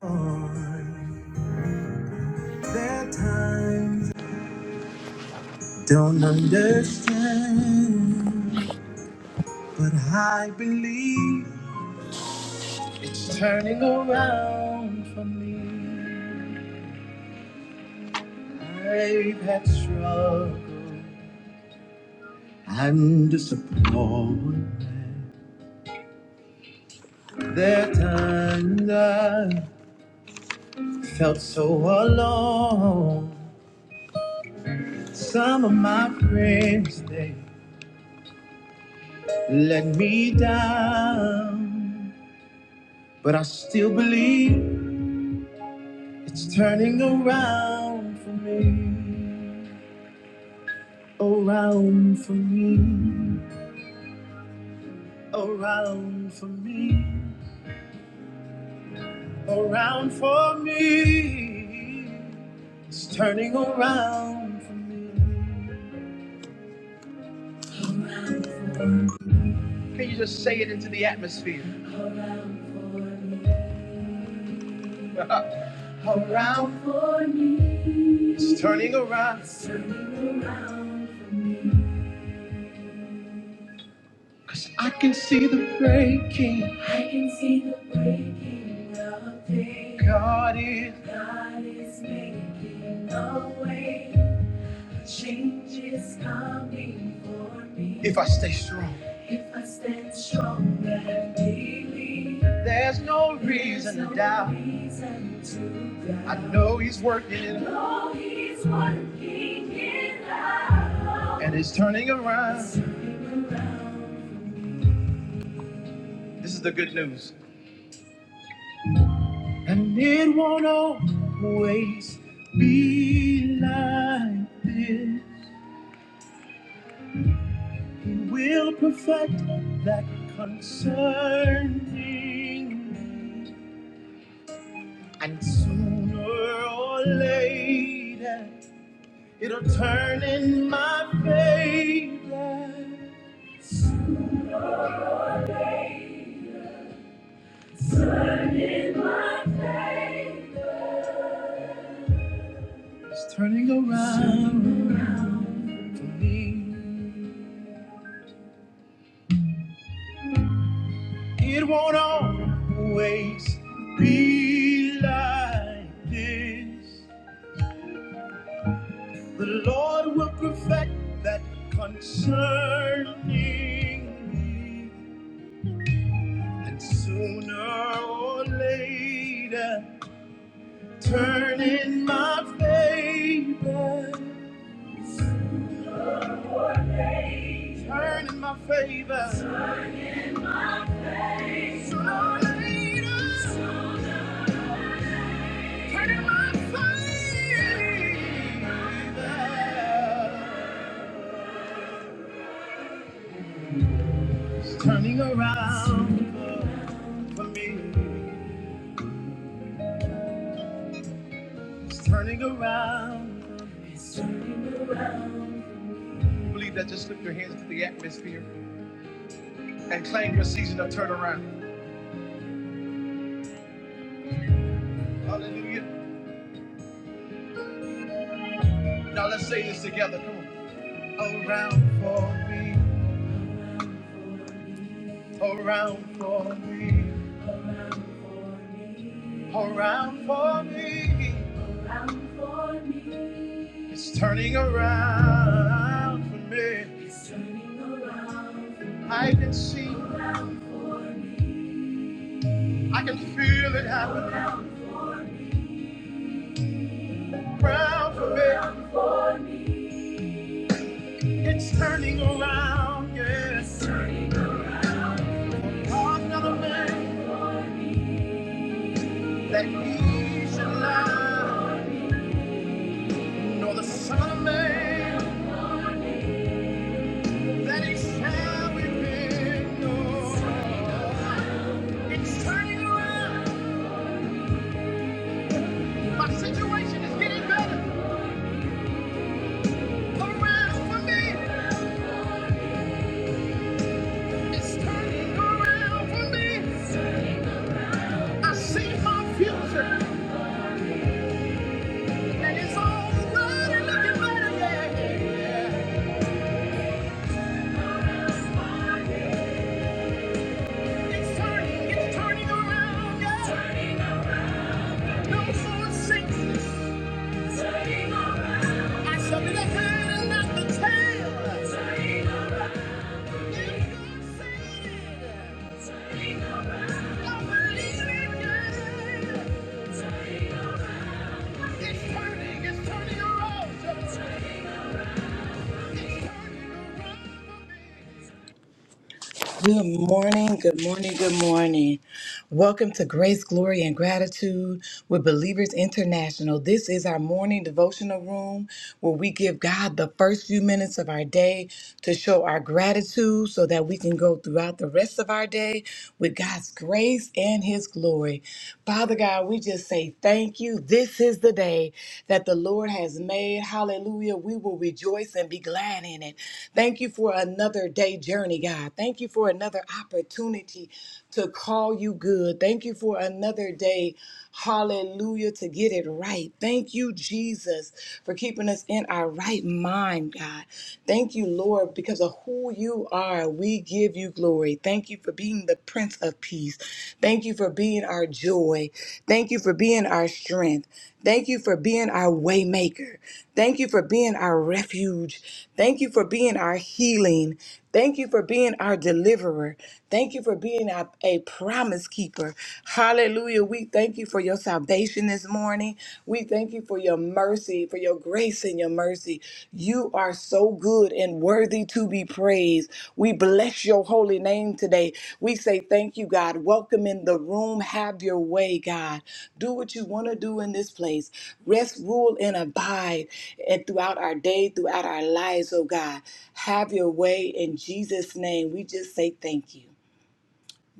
There are times I don't understand, but I believe it's turning around for me. I've had struggle and disappointment. There are times I felt so alone. Some of my friends they let me down, but I still believe. It's turning around for me, around for me, around for me, around for me. It's turning around for me. Can you just say it into the atmosphere? around for me. It's turning around. It's turning around. for me. Cause I can see the breaking. I can see the breaking of day. God is. God is making a way. Change is coming for me. If I stay strong. If I stand strong and believe. There's no There's reason to no doubt. reason to doubt. I know he's working I know he's working it out. And it's turning around. It's turning around this is the good news. And it won't always be like this. He will perfect that concerning me. And sooner or later, it'll turn in my favor. Turn in my favor. It's turning around for me. It won't always be like this. The Lord will perfect that concerning me, and sooner or later, turn in my favor. Turn in my favor. Sooner or later, turn in my favor. It's Turning around. for me. It's turning around It's turning around believe that? Just lift your hands to the atmosphere and claim your season of turnaround. Hallelujah. Now let's say this together. Come on. Around for me. Around for me. Around for me. Around for me. Around for me. It's turning around for me. It's turning around. for me. I can see, Around for me. I can feel it happening around for me. Around for me. Around for me. It's turning around, yes. It's turning around. Oh, I'm not a man that he should lie, nor the son of man that he shall repent. No. It's turning around. My situation is getting better around for me. It's turning around for me. I see my future. It's turning, it's turning around. Yeah. No more sickness. It's turning around. I shall be the head and not the tail. It's turning around. If God said it, it's turning around. I believe it, yeah. It's turning around. It's turning, it's turning around. It's turning around. Good morning, good morning, good morning. Welcome to Grace, Glory, and Gratitude with Believers International. This is our morning devotional room where we give God the first few minutes of our day to show our gratitude so that we can go throughout the rest of our day with God's grace and His glory. Father God, we just say thank you. This is the day that the Lord has made. Hallelujah. We will rejoice and be glad in it. Thank you for another day journey, God. Thank you for another opportunity to call you good. Thank you for another day. Hallelujah. To get it right. Thank you, Jesus, for keeping us in our right mind, God. Thank you, Lord, because of who you are. We give you glory glory. Thank you for being the Prince of Peace. Thank you for being our joy. Thank you for being our strength. Thank you for being our waymaker. Thank you for being our refuge. Thank you for being our healing. Thank you for being our deliverer. Thank you for being a, a promise keeper. Hallelujah. We thank you for your salvation this morning. We thank you for your mercy mercy, for your grace and your mercy. You are so good and worthy to be praised. We bless your holy name today. We say thank you, God. Welcome in the room. Have your way, God. Do what you want to do in this place. Rest, rule, and abide and throughout our day, throughout our lives, oh God. Have your way in Jesus' name. We just say thank you.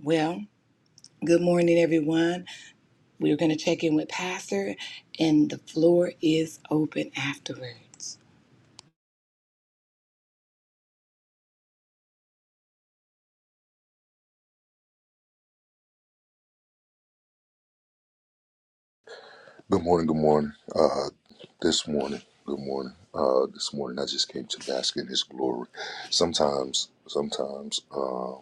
Well, good morning, everyone. We're going to check in with Pastor, and the floor is open afterwards. Good morning. Good morning. Uh, this morning. Good morning. Uh, this morning, I just came to bask in His glory. Sometimes, sometimes, uh,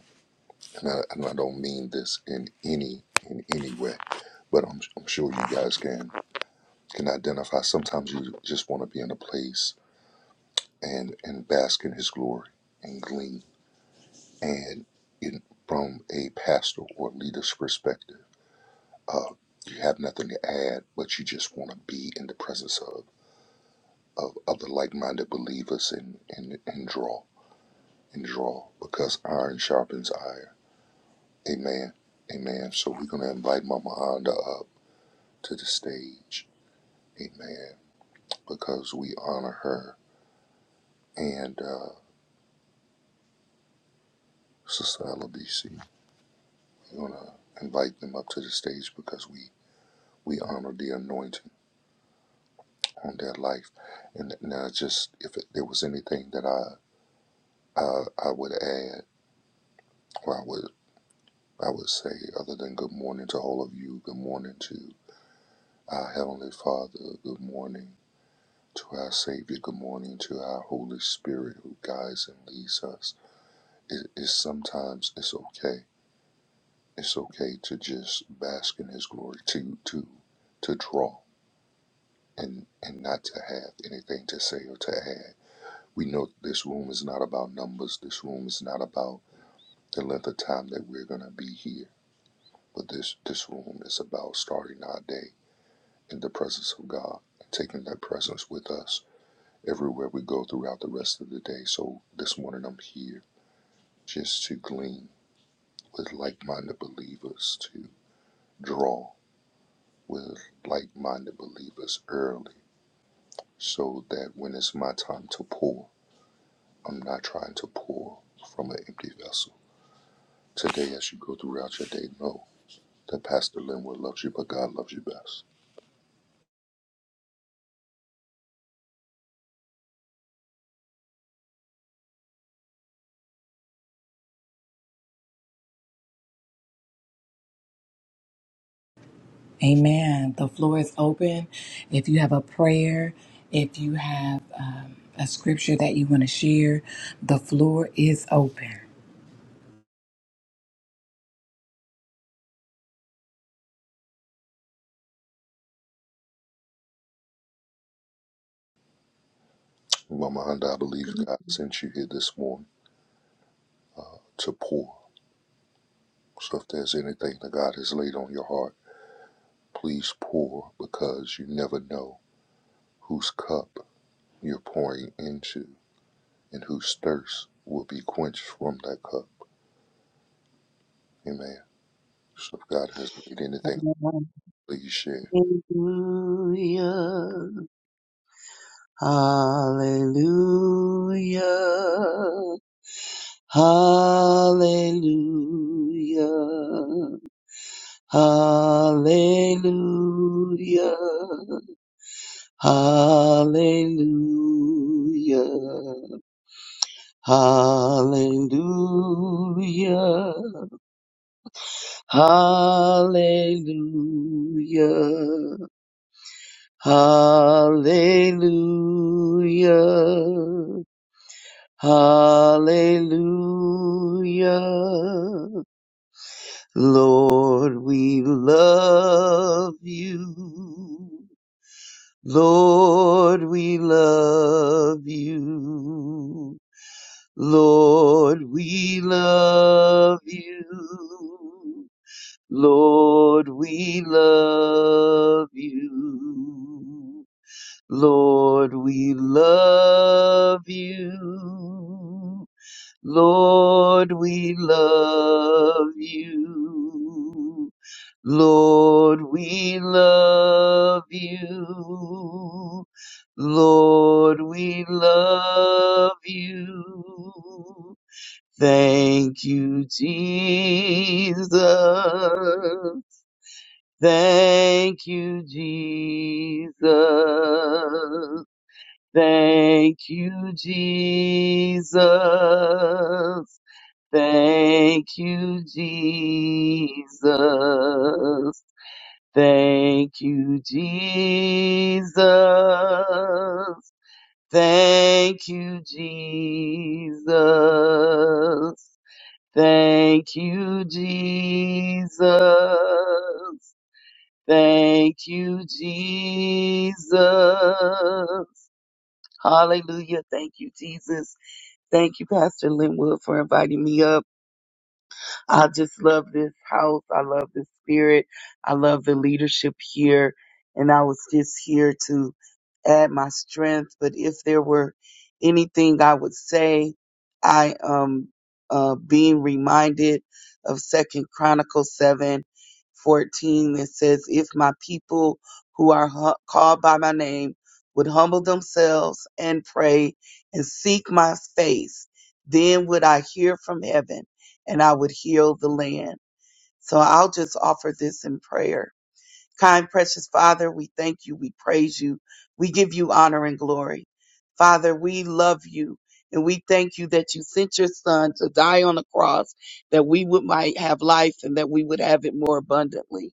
and, I, and I don't mean this in any in any way, but I'm I'm sure you guys can can identify. Sometimes you just want to be in a place and and bask in His glory and glean. And in from a pastor or leader's perspective, uh, you have nothing to add, but you just want to be in the presence of. of other like-minded believers and, and, and draw and draw because iron sharpens iron. Amen. Amen. So we're gonna invite Mama Honda up to the stage. Amen. Because we honor her and uh, Sister Ella BC. We're gonna invite them up to the stage because we we honor the anointing on their life. And now, just if it, there was anything that I uh, I I would add, or I would I would say, other than good morning to all of you, good morning to Our Heavenly Father, good morning. To our Savior, good morning. To our Holy Spirit who guides and leads us. It is sometimes it's okay. It's okay to just bask in His glory, to to to draw and and not to have anything to say or to add. We know this room is not about numbers. This room is not about the length of time that we're gonna be here. But this this room is about starting our day in the presence of God and taking that presence with us everywhere we go throughout the rest of the day. So this morning I'm here just to glean with like minded believers, to draw with like minded believers early, so that when it's my time to pour, I'm not trying to pour from an empty vessel. Today, as you go throughout your day, know that Pastor Linwood loves you, but God loves you best. Amen. The floor is open. If you have a prayer, if you have um, a scripture that you want to share, the floor is open. Mama Honda, I believe Good God sent you here this morning to pour. So if there's anything that God has laid on your heart, Please pour because you never know whose cup you're pouring into and whose thirst will be quenched from that cup. Amen. So if God has laid anything, Hallelujah. please share. Hallelujah. Hallelujah. Hallelujah. Hallelujah. Hallelujah. Hallelujah. Hallelujah. Hallelujah. Lord, we love you. Lord, we love you. Lord, we love you. Lord, we love you. Lord, we love you. Lord, we love you. Lord, we love you. Lord, we love you. Thank you, Jesus. Thank you, Jesus. Thank you, Jesus. Thank you, Jesus. Thank you, Jesus. Thank you, Jesus. Thank you, Jesus. Thank you, Jesus. Hallelujah. Thank you, Jesus. Thank you, Pastor Linwood, for inviting me up. I just love this house. I love the spirit. I love the leadership here. And I was just here to add my strength. But if there were anything I would say, I am uh, being reminded of Second Chronicles seven fourteen that says, If my people who are hu- called by my name would humble themselves and pray and seek my face, then would I hear from heaven and I would heal the land. So I'll just offer this in prayer. Kind, precious Father, we thank you. We praise you. We give you honor and glory. Father, we love you and we thank you that you sent your son to die on the cross that we would might have life and that we would have it more abundantly.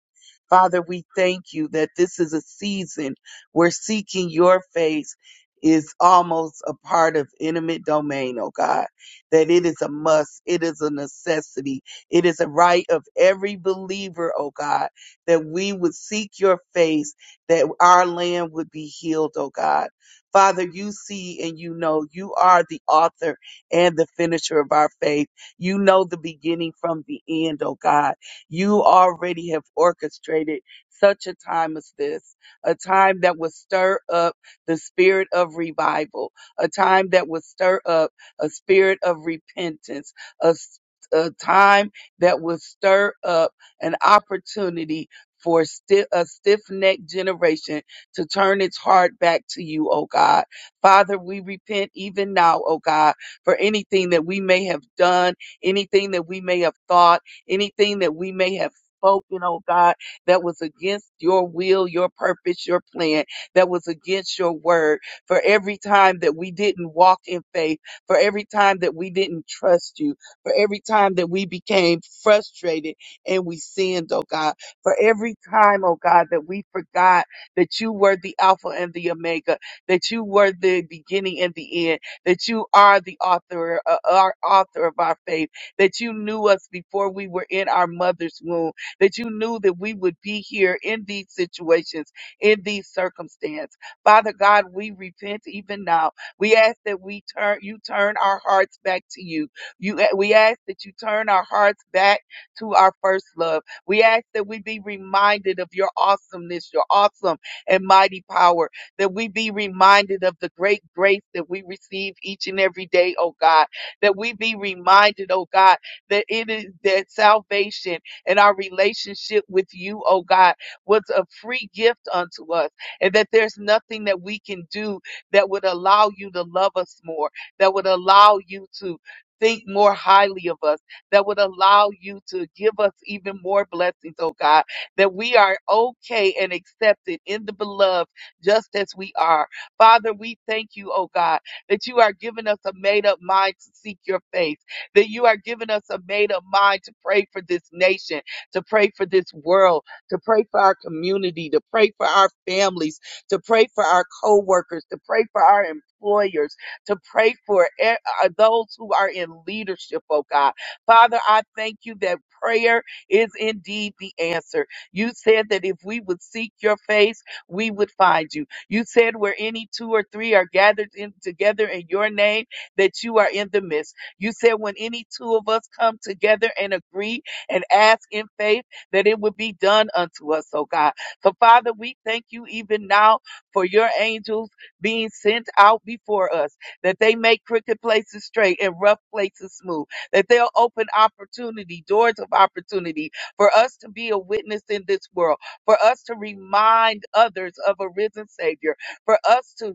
Father, we thank you that this is a season where seeking your face is almost a part of intimate domain, oh God, that it is a must. It is a necessity. It is a right of every believer, oh God, that we would seek your face, that our land would be healed, oh God. Father, you see and you know you are the author and the finisher of our faith. You know the beginning from the end, oh God. You already have orchestrated such a time as this, a time that will stir up the spirit of revival, a time that will stir up a spirit of repentance, a, s- a time that will stir up an opportunity for sti- a stiff-necked generation to turn its heart back to you, O God. Father, we repent even now, O God, for anything that we may have done, anything that we may have thought, anything that we may have spoken, oh God, that was against your will, your purpose, your plan, that was against your word. For every time that we didn't walk in faith, for every time that we didn't trust you, for every time that we became frustrated and we sinned, oh God for every time, oh God, that we forgot that you were the Alpha and the Omega, that you were the beginning and the end, that you are the author, uh, our author of our faith, that you knew us before we were in our mother's womb, that you knew that we would be here in these situations, in these circumstances. Father God, we repent even now. We ask that we turn, you turn our hearts back to you. You, we ask that you turn our hearts back to our first love we ask that we be reminded of your awesomeness, your awesome and mighty power, that we be reminded of the great grace that we receive each and every day, oh God, that we be reminded, oh God, that it is that salvation and our relationship with you, oh God, was a free gift unto us, and that there's nothing that we can do that would allow you to love us more, that would allow you to think more highly of us, that would allow you to give us even more blessings, oh God, that we are okay and accepted in the beloved just as we are. Father, we thank you, oh God, that you are giving us a made up mind to seek your face, that you are giving us a made up mind to pray for this nation, to pray for this world, to pray for our community, to pray for our families, to pray for our co-workers, to pray for our employers, to pray for e- uh, those who are in leadership, oh God. Father, I thank you that prayer is indeed the answer. You said that if we would seek your face, we would find you. You said where any two or three are gathered in together in your name, that you are in the midst. You said when any two of us come together and agree and ask in faith, that it would be done unto us, oh God. So Father, we thank you even now for your angels being sent out before us, that they make crooked places straight and rough places smooth that they'll open opportunity, doors of opportunity for us to be a witness in this world, for us to remind others of a risen Savior, for us to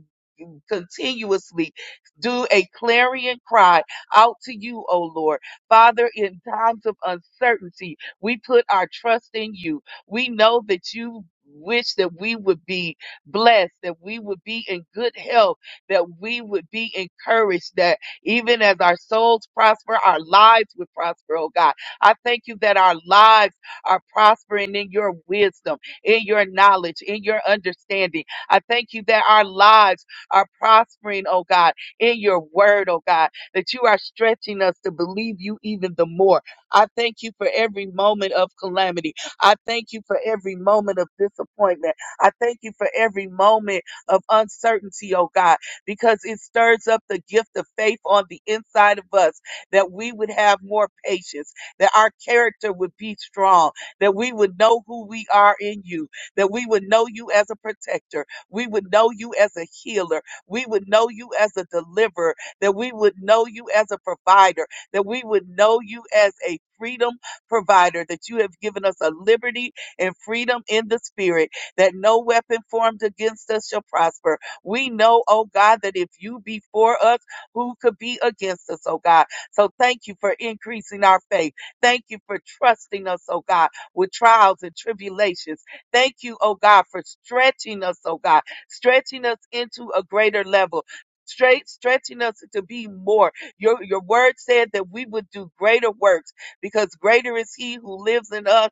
continuously do a clarion cry out to you, O Lord. Father, in times of uncertainty, we put our trust in you. We know that you wish that we would be blessed, that we would be in good health, that we would be encouraged, that even as our souls prosper, our lives would prosper, oh God. I thank you that our lives are prospering in your wisdom, in your knowledge, in your understanding. I thank you that our lives are prospering, oh God, in your word, oh God, that you are stretching us to believe you even the more. I thank you for every moment of calamity. I thank you for every moment of disappointment. I thank you for every moment of uncertainty, oh God, because it stirs up the gift of faith on the inside of us that we would have more patience, that our character would be strong, that we would know who we are in you, that we would know you as a protector, we would know you as a healer, we would know you as a deliverer, that we would know you as a provider, that we would know you as a freedom provider, that you have given us a liberty and freedom in the spirit, that no weapon formed against us shall prosper. We know, oh God, that if you be for us, who could be against us, oh God? So thank you for increasing our faith. Thank you for trusting us, oh God, with trials and tribulations. Thank you, oh God, for stretching us, oh God stretching us into a greater level. Straight stretching us to be more. Your your word said that we would do greater works because greater is he who lives in us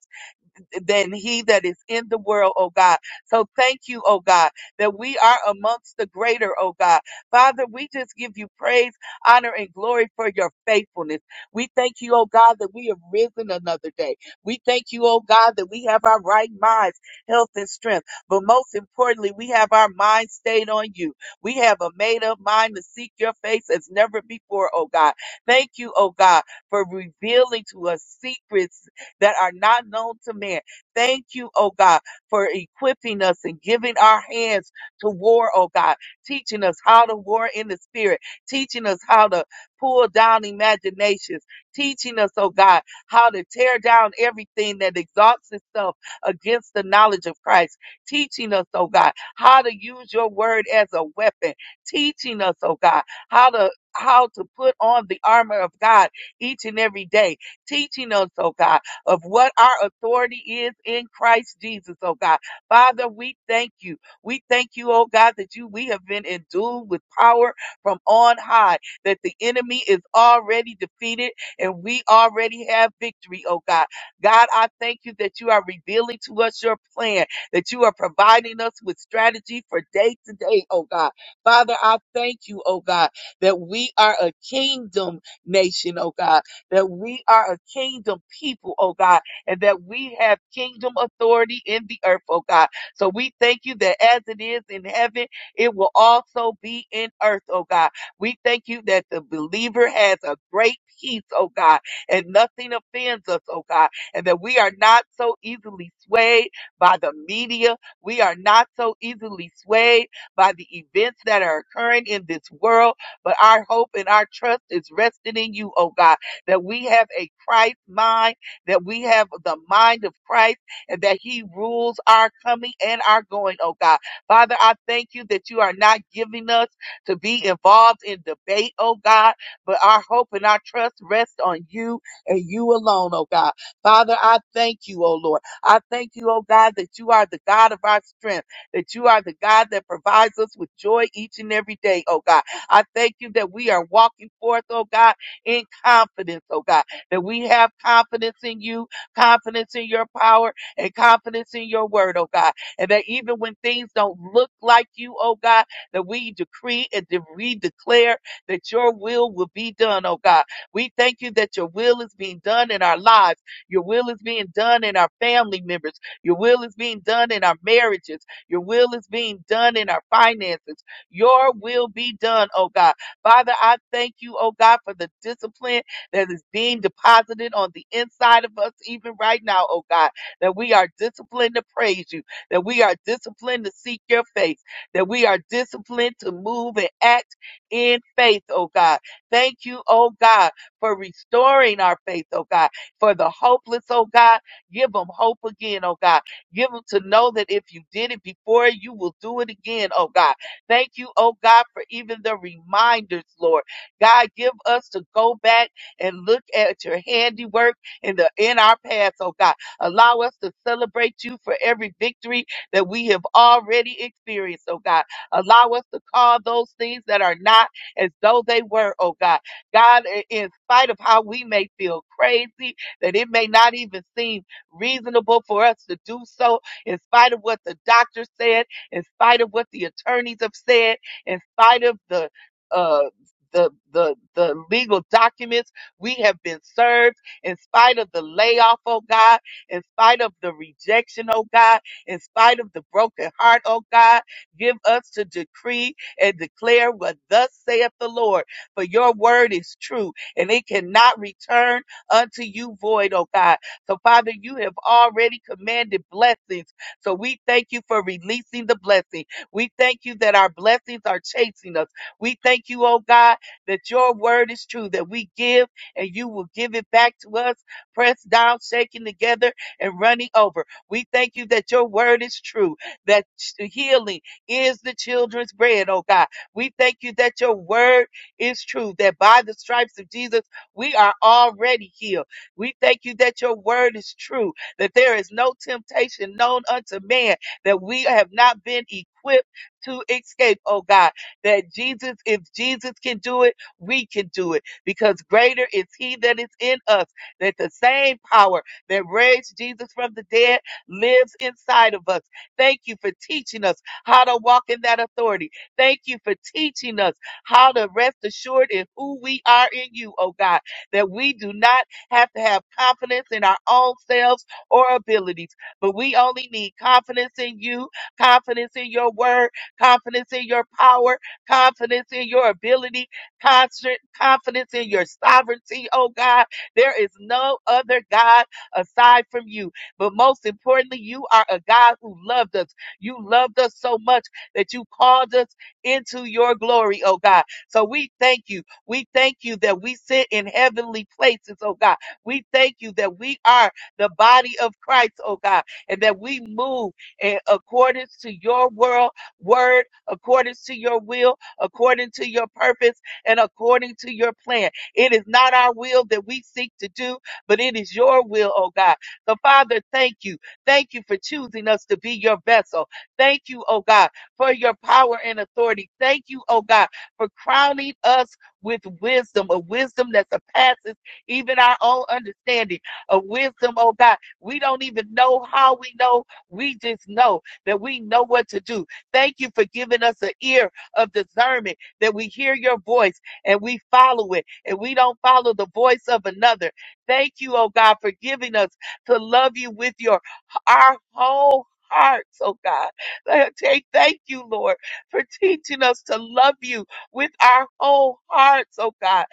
than he that is in the world, oh God. So thank you, oh God, that we are amongst the greater, oh God. Father, we just give you praise, honor, and glory for your faithfulness. We thank you, oh God, that we have risen another day. We thank you, oh God, that we have our right minds, health, and strength. But most importantly, we have our mind stayed on you. We have a made up mind to seek your face as never before, oh God. Thank you, oh God, for revealing to us secrets that are not known to man. Thank you, oh God, for equipping us and giving our hands to war, oh God, teaching us how to war in the spirit, teaching us how to pull down imaginations, teaching us, oh God, how to tear down everything that exalts itself against the knowledge of Christ, teaching us, oh God, how to use your word as a weapon, teaching us, oh God, how to how to put on the armor of God each and every day, teaching us, oh God of what our authority is in Christ Jesus, oh God. Father, we thank you. We thank you, oh God, that you we have been endued with power from on high, that the enemy is already defeated and we already have victory, oh God. God, I thank you that you are revealing to us your plan, that you are providing us with strategy for day to day, oh God. Father, I thank you, oh God, that we are a kingdom nation, oh God that we are a kingdom people, oh God, and that we have kingdom authority in the earth, oh God. So we thank you that as it is in heaven, it will also be in earth, oh God. We thank you that the believer has a great peace, oh God, and nothing offends us, oh God, and that we are not so easily swayed by the media. We are not so easily swayed by the events that are occurring in this world, but our hope and our trust is resting in you, oh God that we have a Christ mind, that we have the mind of Christ, and that He rules our coming and our going, oh God. Father, I thank you that you are not giving us to be involved in debate, oh God, but our hope and our trust rest on you and you alone, oh God. Father, I thank you, oh Lord. I thank you, oh God, that you are the God of our strength, that you are the God that provides us with joy each and every day, oh God. I thank you that we are walking forth, oh God in confidence, oh God, that we have confidence in you, confidence in your power, and confidence in your word, oh God. And that even when things don't look like you, oh God, that we decree and de- we declare that your will will be done, oh God. We thank you that your will is being done in our lives. Your will is being done in our family members. Your will is being done in our marriages. Your will is being done in our finances. Your will be done, oh God. Father, I thank you, oh God, for the discipline that is being deposited on the inside of us, even right now, oh God, that we are disciplined to praise you, that we are disciplined to seek your face, that we are disciplined to move and act in faith, oh God. Thank you, oh God, for restoring our faith, oh God, for the hopeless, oh God. Give them hope again, oh God. Give them to know that if you did it before, you will do it again, oh God Thank you, oh God, for even the reminders, Lord. God, give us to go back and look at your handiwork in the in our past, oh God. Allow us to celebrate you for every victory that we have already experienced, oh God. Allow us to call those things that are not as though they were, oh God. God, i- in spite of how we may feel crazy, that it may not even seem reasonable for us to do so, in spite of what the doctor said, in spite of what the attorneys have said, in spite of the uh the, the the legal documents we have been served in spite of the layoff, oh God, in spite of the rejection, oh God, in spite of the broken heart, oh God, give us to decree and declare what thus saith the Lord. For your word is true and it cannot return unto you void, oh God. So Father, you have already commanded blessings so we thank you for releasing the blessing. We thank you that our blessings are chasing us. We thank you, oh God, that your word is true, that we give and you will give it back to us, pressed down, shaken together, and running over. We thank you that your word is true, that healing is the children's bread, oh God. We thank you that your word is true, that by the stripes of Jesus, we are already healed. We thank you that your word is true, that there is no temptation known unto man that we have not been equipped to escape, oh God. That Jesus, if Jesus can do it, we can do it because greater is he that is in us, that the same power that raised Jesus from the dead lives inside of us. Thank you for teaching us how to walk in that authority. Thank you for teaching us how to rest assured in who we are in you, oh God, that we do not have to have confidence in our own selves or abilities, but we only need confidence in you, confidence in your word, confidence in your power, confidence in your ability, constant confidence in your sovereignty, oh God. There is no other God aside from you. But most importantly, you are a God who loved us. You loved us so much that you called us into your glory, oh God. So we thank you. We thank you that we sit in heavenly places, oh God. We thank you that we are the body of Christ, oh God, and that we move in accordance to your world, word, accordance to your will, according to your purpose, and according to your plan. It is not our will that we seek to do, but it is your will, oh God. So, Father, thank you. Thank you for choosing us to be your vessel. Thank you, oh God, for your power and authority. Thank you, oh God, for crowning us with wisdom, a wisdom that surpasses even our own understanding of wisdom, oh God. We don't even know how we know. We just know that we know what to do. Thank you for giving us an ear of discernment that we hear your voice and we follow it and we don't follow the voice of another. Thank you, oh God, for giving us to love you with your our whole hearts, oh God. Uh, Thank thank you, Lord, for teaching us to love you with our whole hearts, oh God.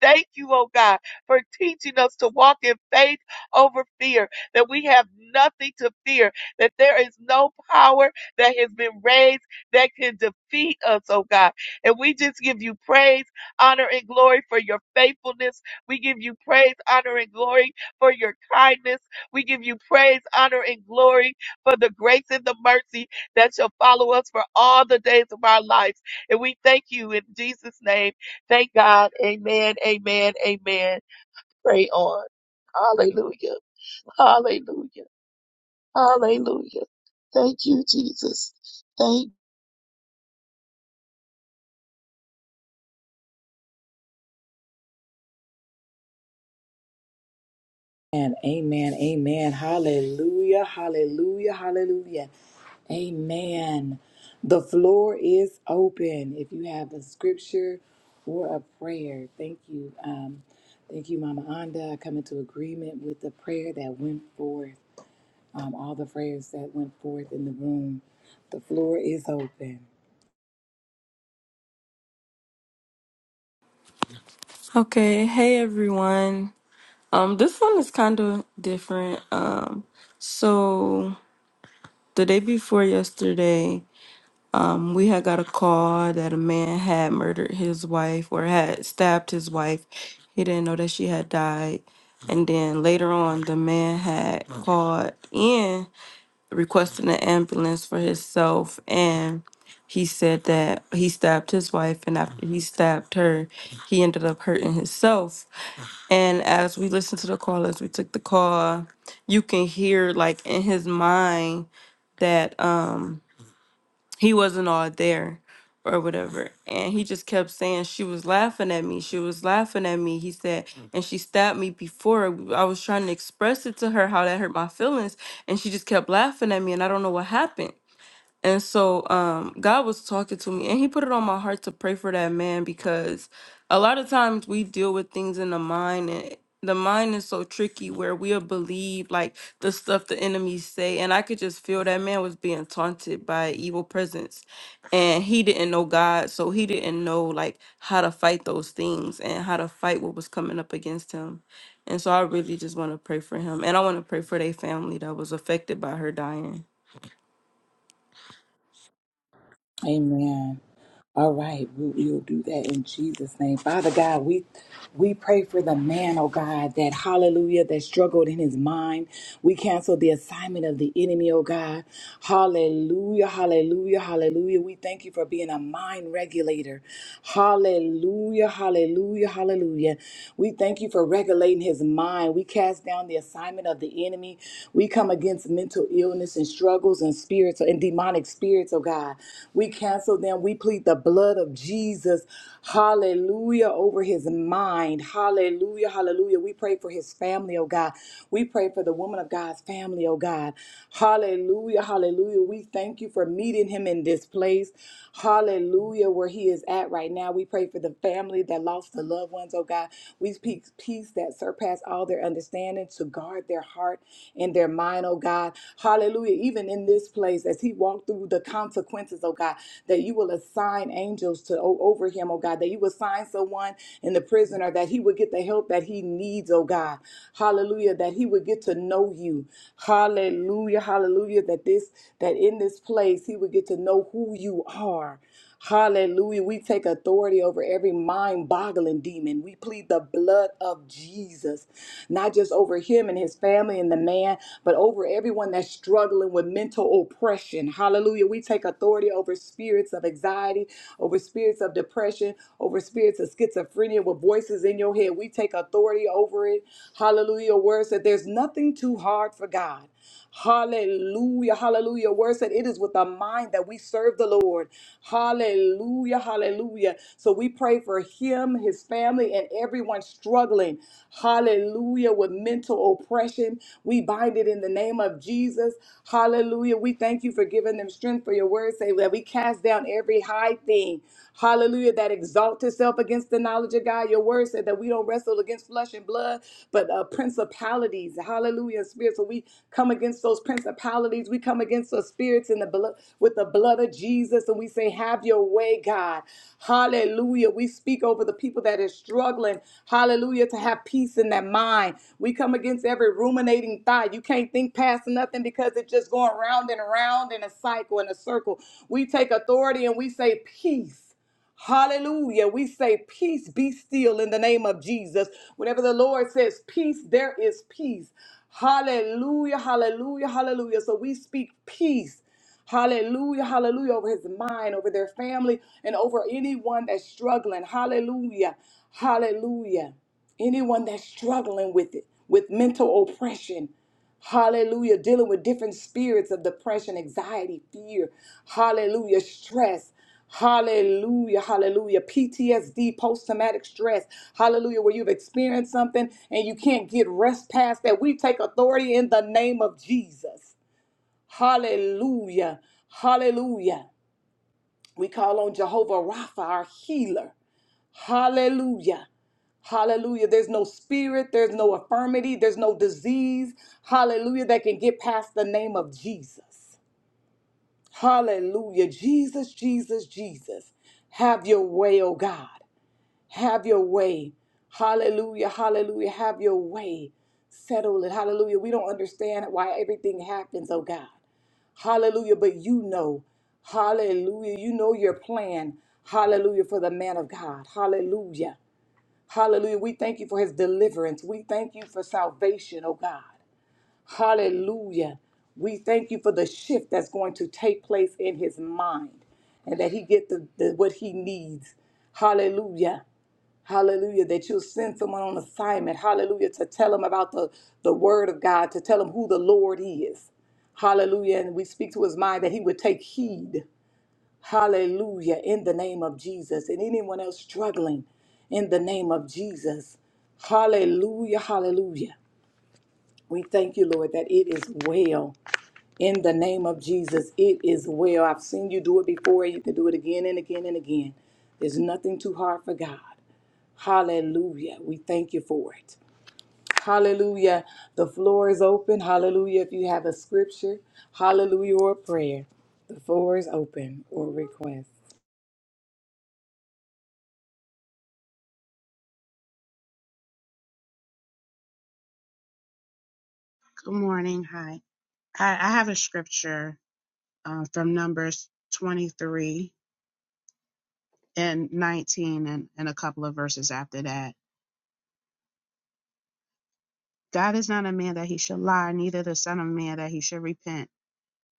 Thank you, oh God, for teaching us to walk in faith over fear, that we have nothing to fear, that there is no power that has been raised that can defeat us, oh God. And we just give you praise, honor, and glory for your faithfulness. We give you praise, honor, and glory for your kindness. We give you praise, honor, and glory for the grace and the mercy that shall follow us for all the days of our lives. And we thank you in Jesus' name. Thank God. Amen. Amen. Amen pray on. Hallelujah. Hallelujah. Hallelujah. Thank you, Jesus. Thank. Amen, amen, amen. Hallelujah, hallelujah, hallelujah. Amen. The floor is open. If you have a scripture or a prayer, thank you. Um, thank you, Mama Anda. I come into agreement with the prayer that went forth, um, all the prayers that went forth in the room. The floor is open. Okay, hey everyone. Um, this one is kind of different. Um, so the day before yesterday, um, we had got a call that a man had murdered his wife or had stabbed his wife. He didn't know that she had died. And then later on, the man had called in requesting an ambulance for himself and he said that he stabbed his wife and after he stabbed her, he ended up hurting himself. And as we listened to the call, as we took the call, you can hear like in his mind that um he wasn't all there or whatever. And he just kept saying, She was laughing at me. She was laughing at me. He said, Mm. and she stabbed me before. I was trying to express it to her how that hurt my feelings. And she just kept laughing at me. And I don't know what happened. And so um, God was talking to me, and He put it on my heart to pray for that man because a lot of times we deal with things in the mind, and the mind is so tricky where we'll believe like the stuff the enemies say. And I could just feel that man was being taunted by an evil presence, and he didn't know God, so he didn't know like how to fight those things and how to fight what was coming up against him. And so I really just want to pray for him, and I want to pray for their family that was affected by her dying. Amen. All right, we will do that in Jesus' name. Father God, we we pray for the man, oh God, that hallelujah, that struggled in his mind. We cancel the assignment of the enemy, oh God. Hallelujah, hallelujah, hallelujah. We thank you for being a mind regulator. Hallelujah, hallelujah, hallelujah. We thank you for regulating his mind. We cast down the assignment of the enemy. We come against mental illness illness and struggles and spirits and demonic spirits, oh God. We cancel them. We plead the blood of Jesus, hallelujah, over his mind. Hallelujah, hallelujah. We pray for his family, oh God. We pray for the woman of God's family, oh God. Hallelujah, hallelujah. We thank you for meeting him in this place. Hallelujah, where he is at right now. We pray for the family that lost the loved ones, oh God. We speak peace peace that surpass all their understanding to guard their heart and their mind, oh God. Hallelujah. Even in this place, as he walked through the consequences, oh God, that you will assign angels to o- over him, oh God, that you will assign someone in the prisoner that he would get the help that he needs, oh God. Hallelujah. That he would get to know you. Hallelujah. Hallelujah. That this that in this place he would get to know who you are. Hallelujah. We take authority over every mind boggling demon. We plead the blood of Jesus, not just over him and his family and the man, but over everyone that's struggling with mental oppression. Hallelujah. We take authority over spirits of anxiety, over spirits of depression, over spirits of schizophrenia with voices in your head. We take authority over it. Hallelujah. Words that there's nothing too hard for God. Hallelujah, hallelujah. Word said it is with a mind that we serve the Lord. Hallelujah, hallelujah. So we pray for him, his family, and everyone struggling. Hallelujah, with mental oppression. We bind it in the name of Jesus. Hallelujah. We thank you for giving them strength for your word. Say that we cast down every high thing. Hallelujah, that exalts itself against the knowledge of God. Your word said that we don't wrestle against against flesh and blood, but uh, principalities. Hallelujah, spirits. So we come against those principalities. We come against those spirits in the blood with the blood of Jesus, and we say, "Have your way, God." Hallelujah. We speak over the people that is struggling. Hallelujah, to have peace in their mind. We come against every ruminating thought. You can't think past nothing because it's just going round and around in a cycle in a circle. We take authority and we say, "Peace." Hallelujah. We say, Peace be still in the name of Jesus. Whenever the Lord says peace, there is peace. Hallelujah, hallelujah, hallelujah. So we speak peace. Hallelujah, hallelujah, over his mind, over their family, and over anyone that's struggling. Hallelujah, hallelujah. Anyone that's struggling with it, with mental oppression. Hallelujah. Dealing with different spirits of depression, anxiety, fear. Hallelujah. Stress. Hallelujah. Hallelujah. PTSD, post traumatic stress. Hallelujah. Where you've experienced something and you can't get rest past that. We take authority in the name of Jesus. Hallelujah. Hallelujah. We call on Jehovah Rapha, our healer. Hallelujah. Hallelujah. There's no spirit, there's no infirmity, there's no disease. Hallelujah. That can get past the name of Jesus. Hallelujah. Jesus, Jesus, Jesus. Have your way, oh God. Have your way. Hallelujah. Hallelujah. Have your way. Settle it. Hallelujah. We don't understand why everything happens, oh God. Hallelujah. But you know. Hallelujah. You know your plan. Hallelujah for the man of God. Hallelujah. Hallelujah. We thank you for his deliverance. We thank you for salvation, oh God. Hallelujah. We thank you for the shift that's going to take place in his mind and that he get the, the what he needs. Hallelujah. Hallelujah. That you'll send someone on assignment. Hallelujah. To tell him about the, the word of God, to tell him who the Lord is. Hallelujah. And we speak to his mind that he would take heed. Hallelujah. In the name of Jesus. And anyone else struggling in the name of Jesus. Hallelujah. Hallelujah. We thank you, Lord, that it is well. In the name of Jesus, it is well. I've seen you do it before. You can do it again and again and again. There's nothing too hard for God. Hallelujah. We thank you for it. Hallelujah. The floor is open. Hallelujah. If you have a scripture, hallelujah, or a prayer, the floor is open or request. morning. Hi. I, I have a scripture uh, from Numbers 23 and 19 and, and a couple of verses after that. God is not a man that he should lie, neither the son of man that he should repent.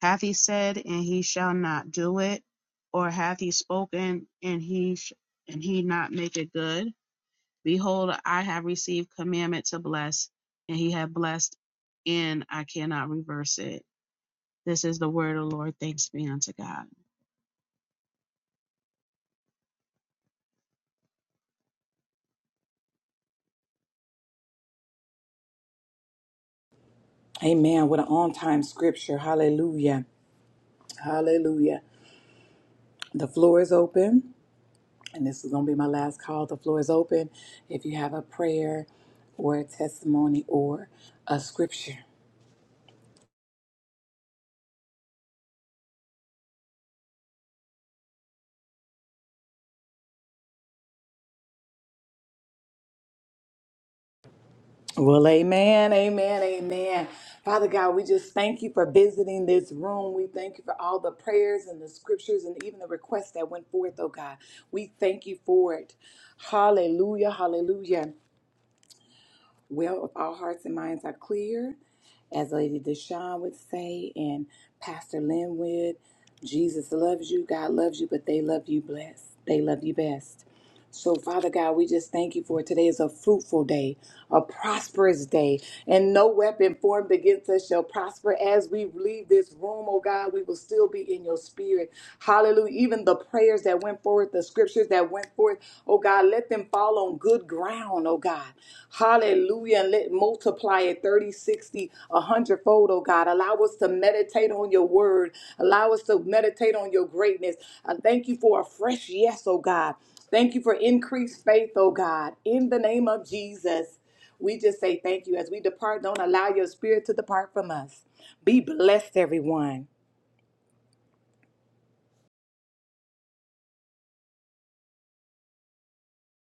Hath he said and he shall not do it, or hath he spoken and he sh- and he not make it good? Behold, I have received commandment to bless, and he hath blessed, and I cannot reverse it. This is the word of the Lord. Thanks be unto God. Amen. What an on time scripture. Hallelujah. Hallelujah. The floor is open, and this is going to be my last call. The floor is open. If you have a prayer or a testimony or a scripture. Well, amen, amen, amen. Father God, we just thank you for visiting this room. We thank you for all the prayers and the scriptures and even the requests that went forth, oh God. We thank you for it. Hallelujah, hallelujah. Well, if all hearts and minds are clear, as Lady Deshawn would say, and Pastor Lynn would, Jesus loves you, God loves you, but they love you blessed. They love you best. So, Father God, we just thank you for it. Today is a fruitful day, a prosperous day, and no weapon formed against us shall prosper. As we leave this room, oh God, we will still be in your spirit. Hallelujah. Even the prayers that went forth, the scriptures that went forth, oh God, let them fall on good ground, oh God. Hallelujah. And let multiply it 30, 60, a hundredfold. oh God. Allow us to meditate on your word. Allow us to meditate on your greatness. I thank you for a fresh yes, oh God. Thank you for increased faith, oh God. In the name of Jesus, we just say thank you. As we depart, don't allow your spirit to depart from us. Be blessed, everyone.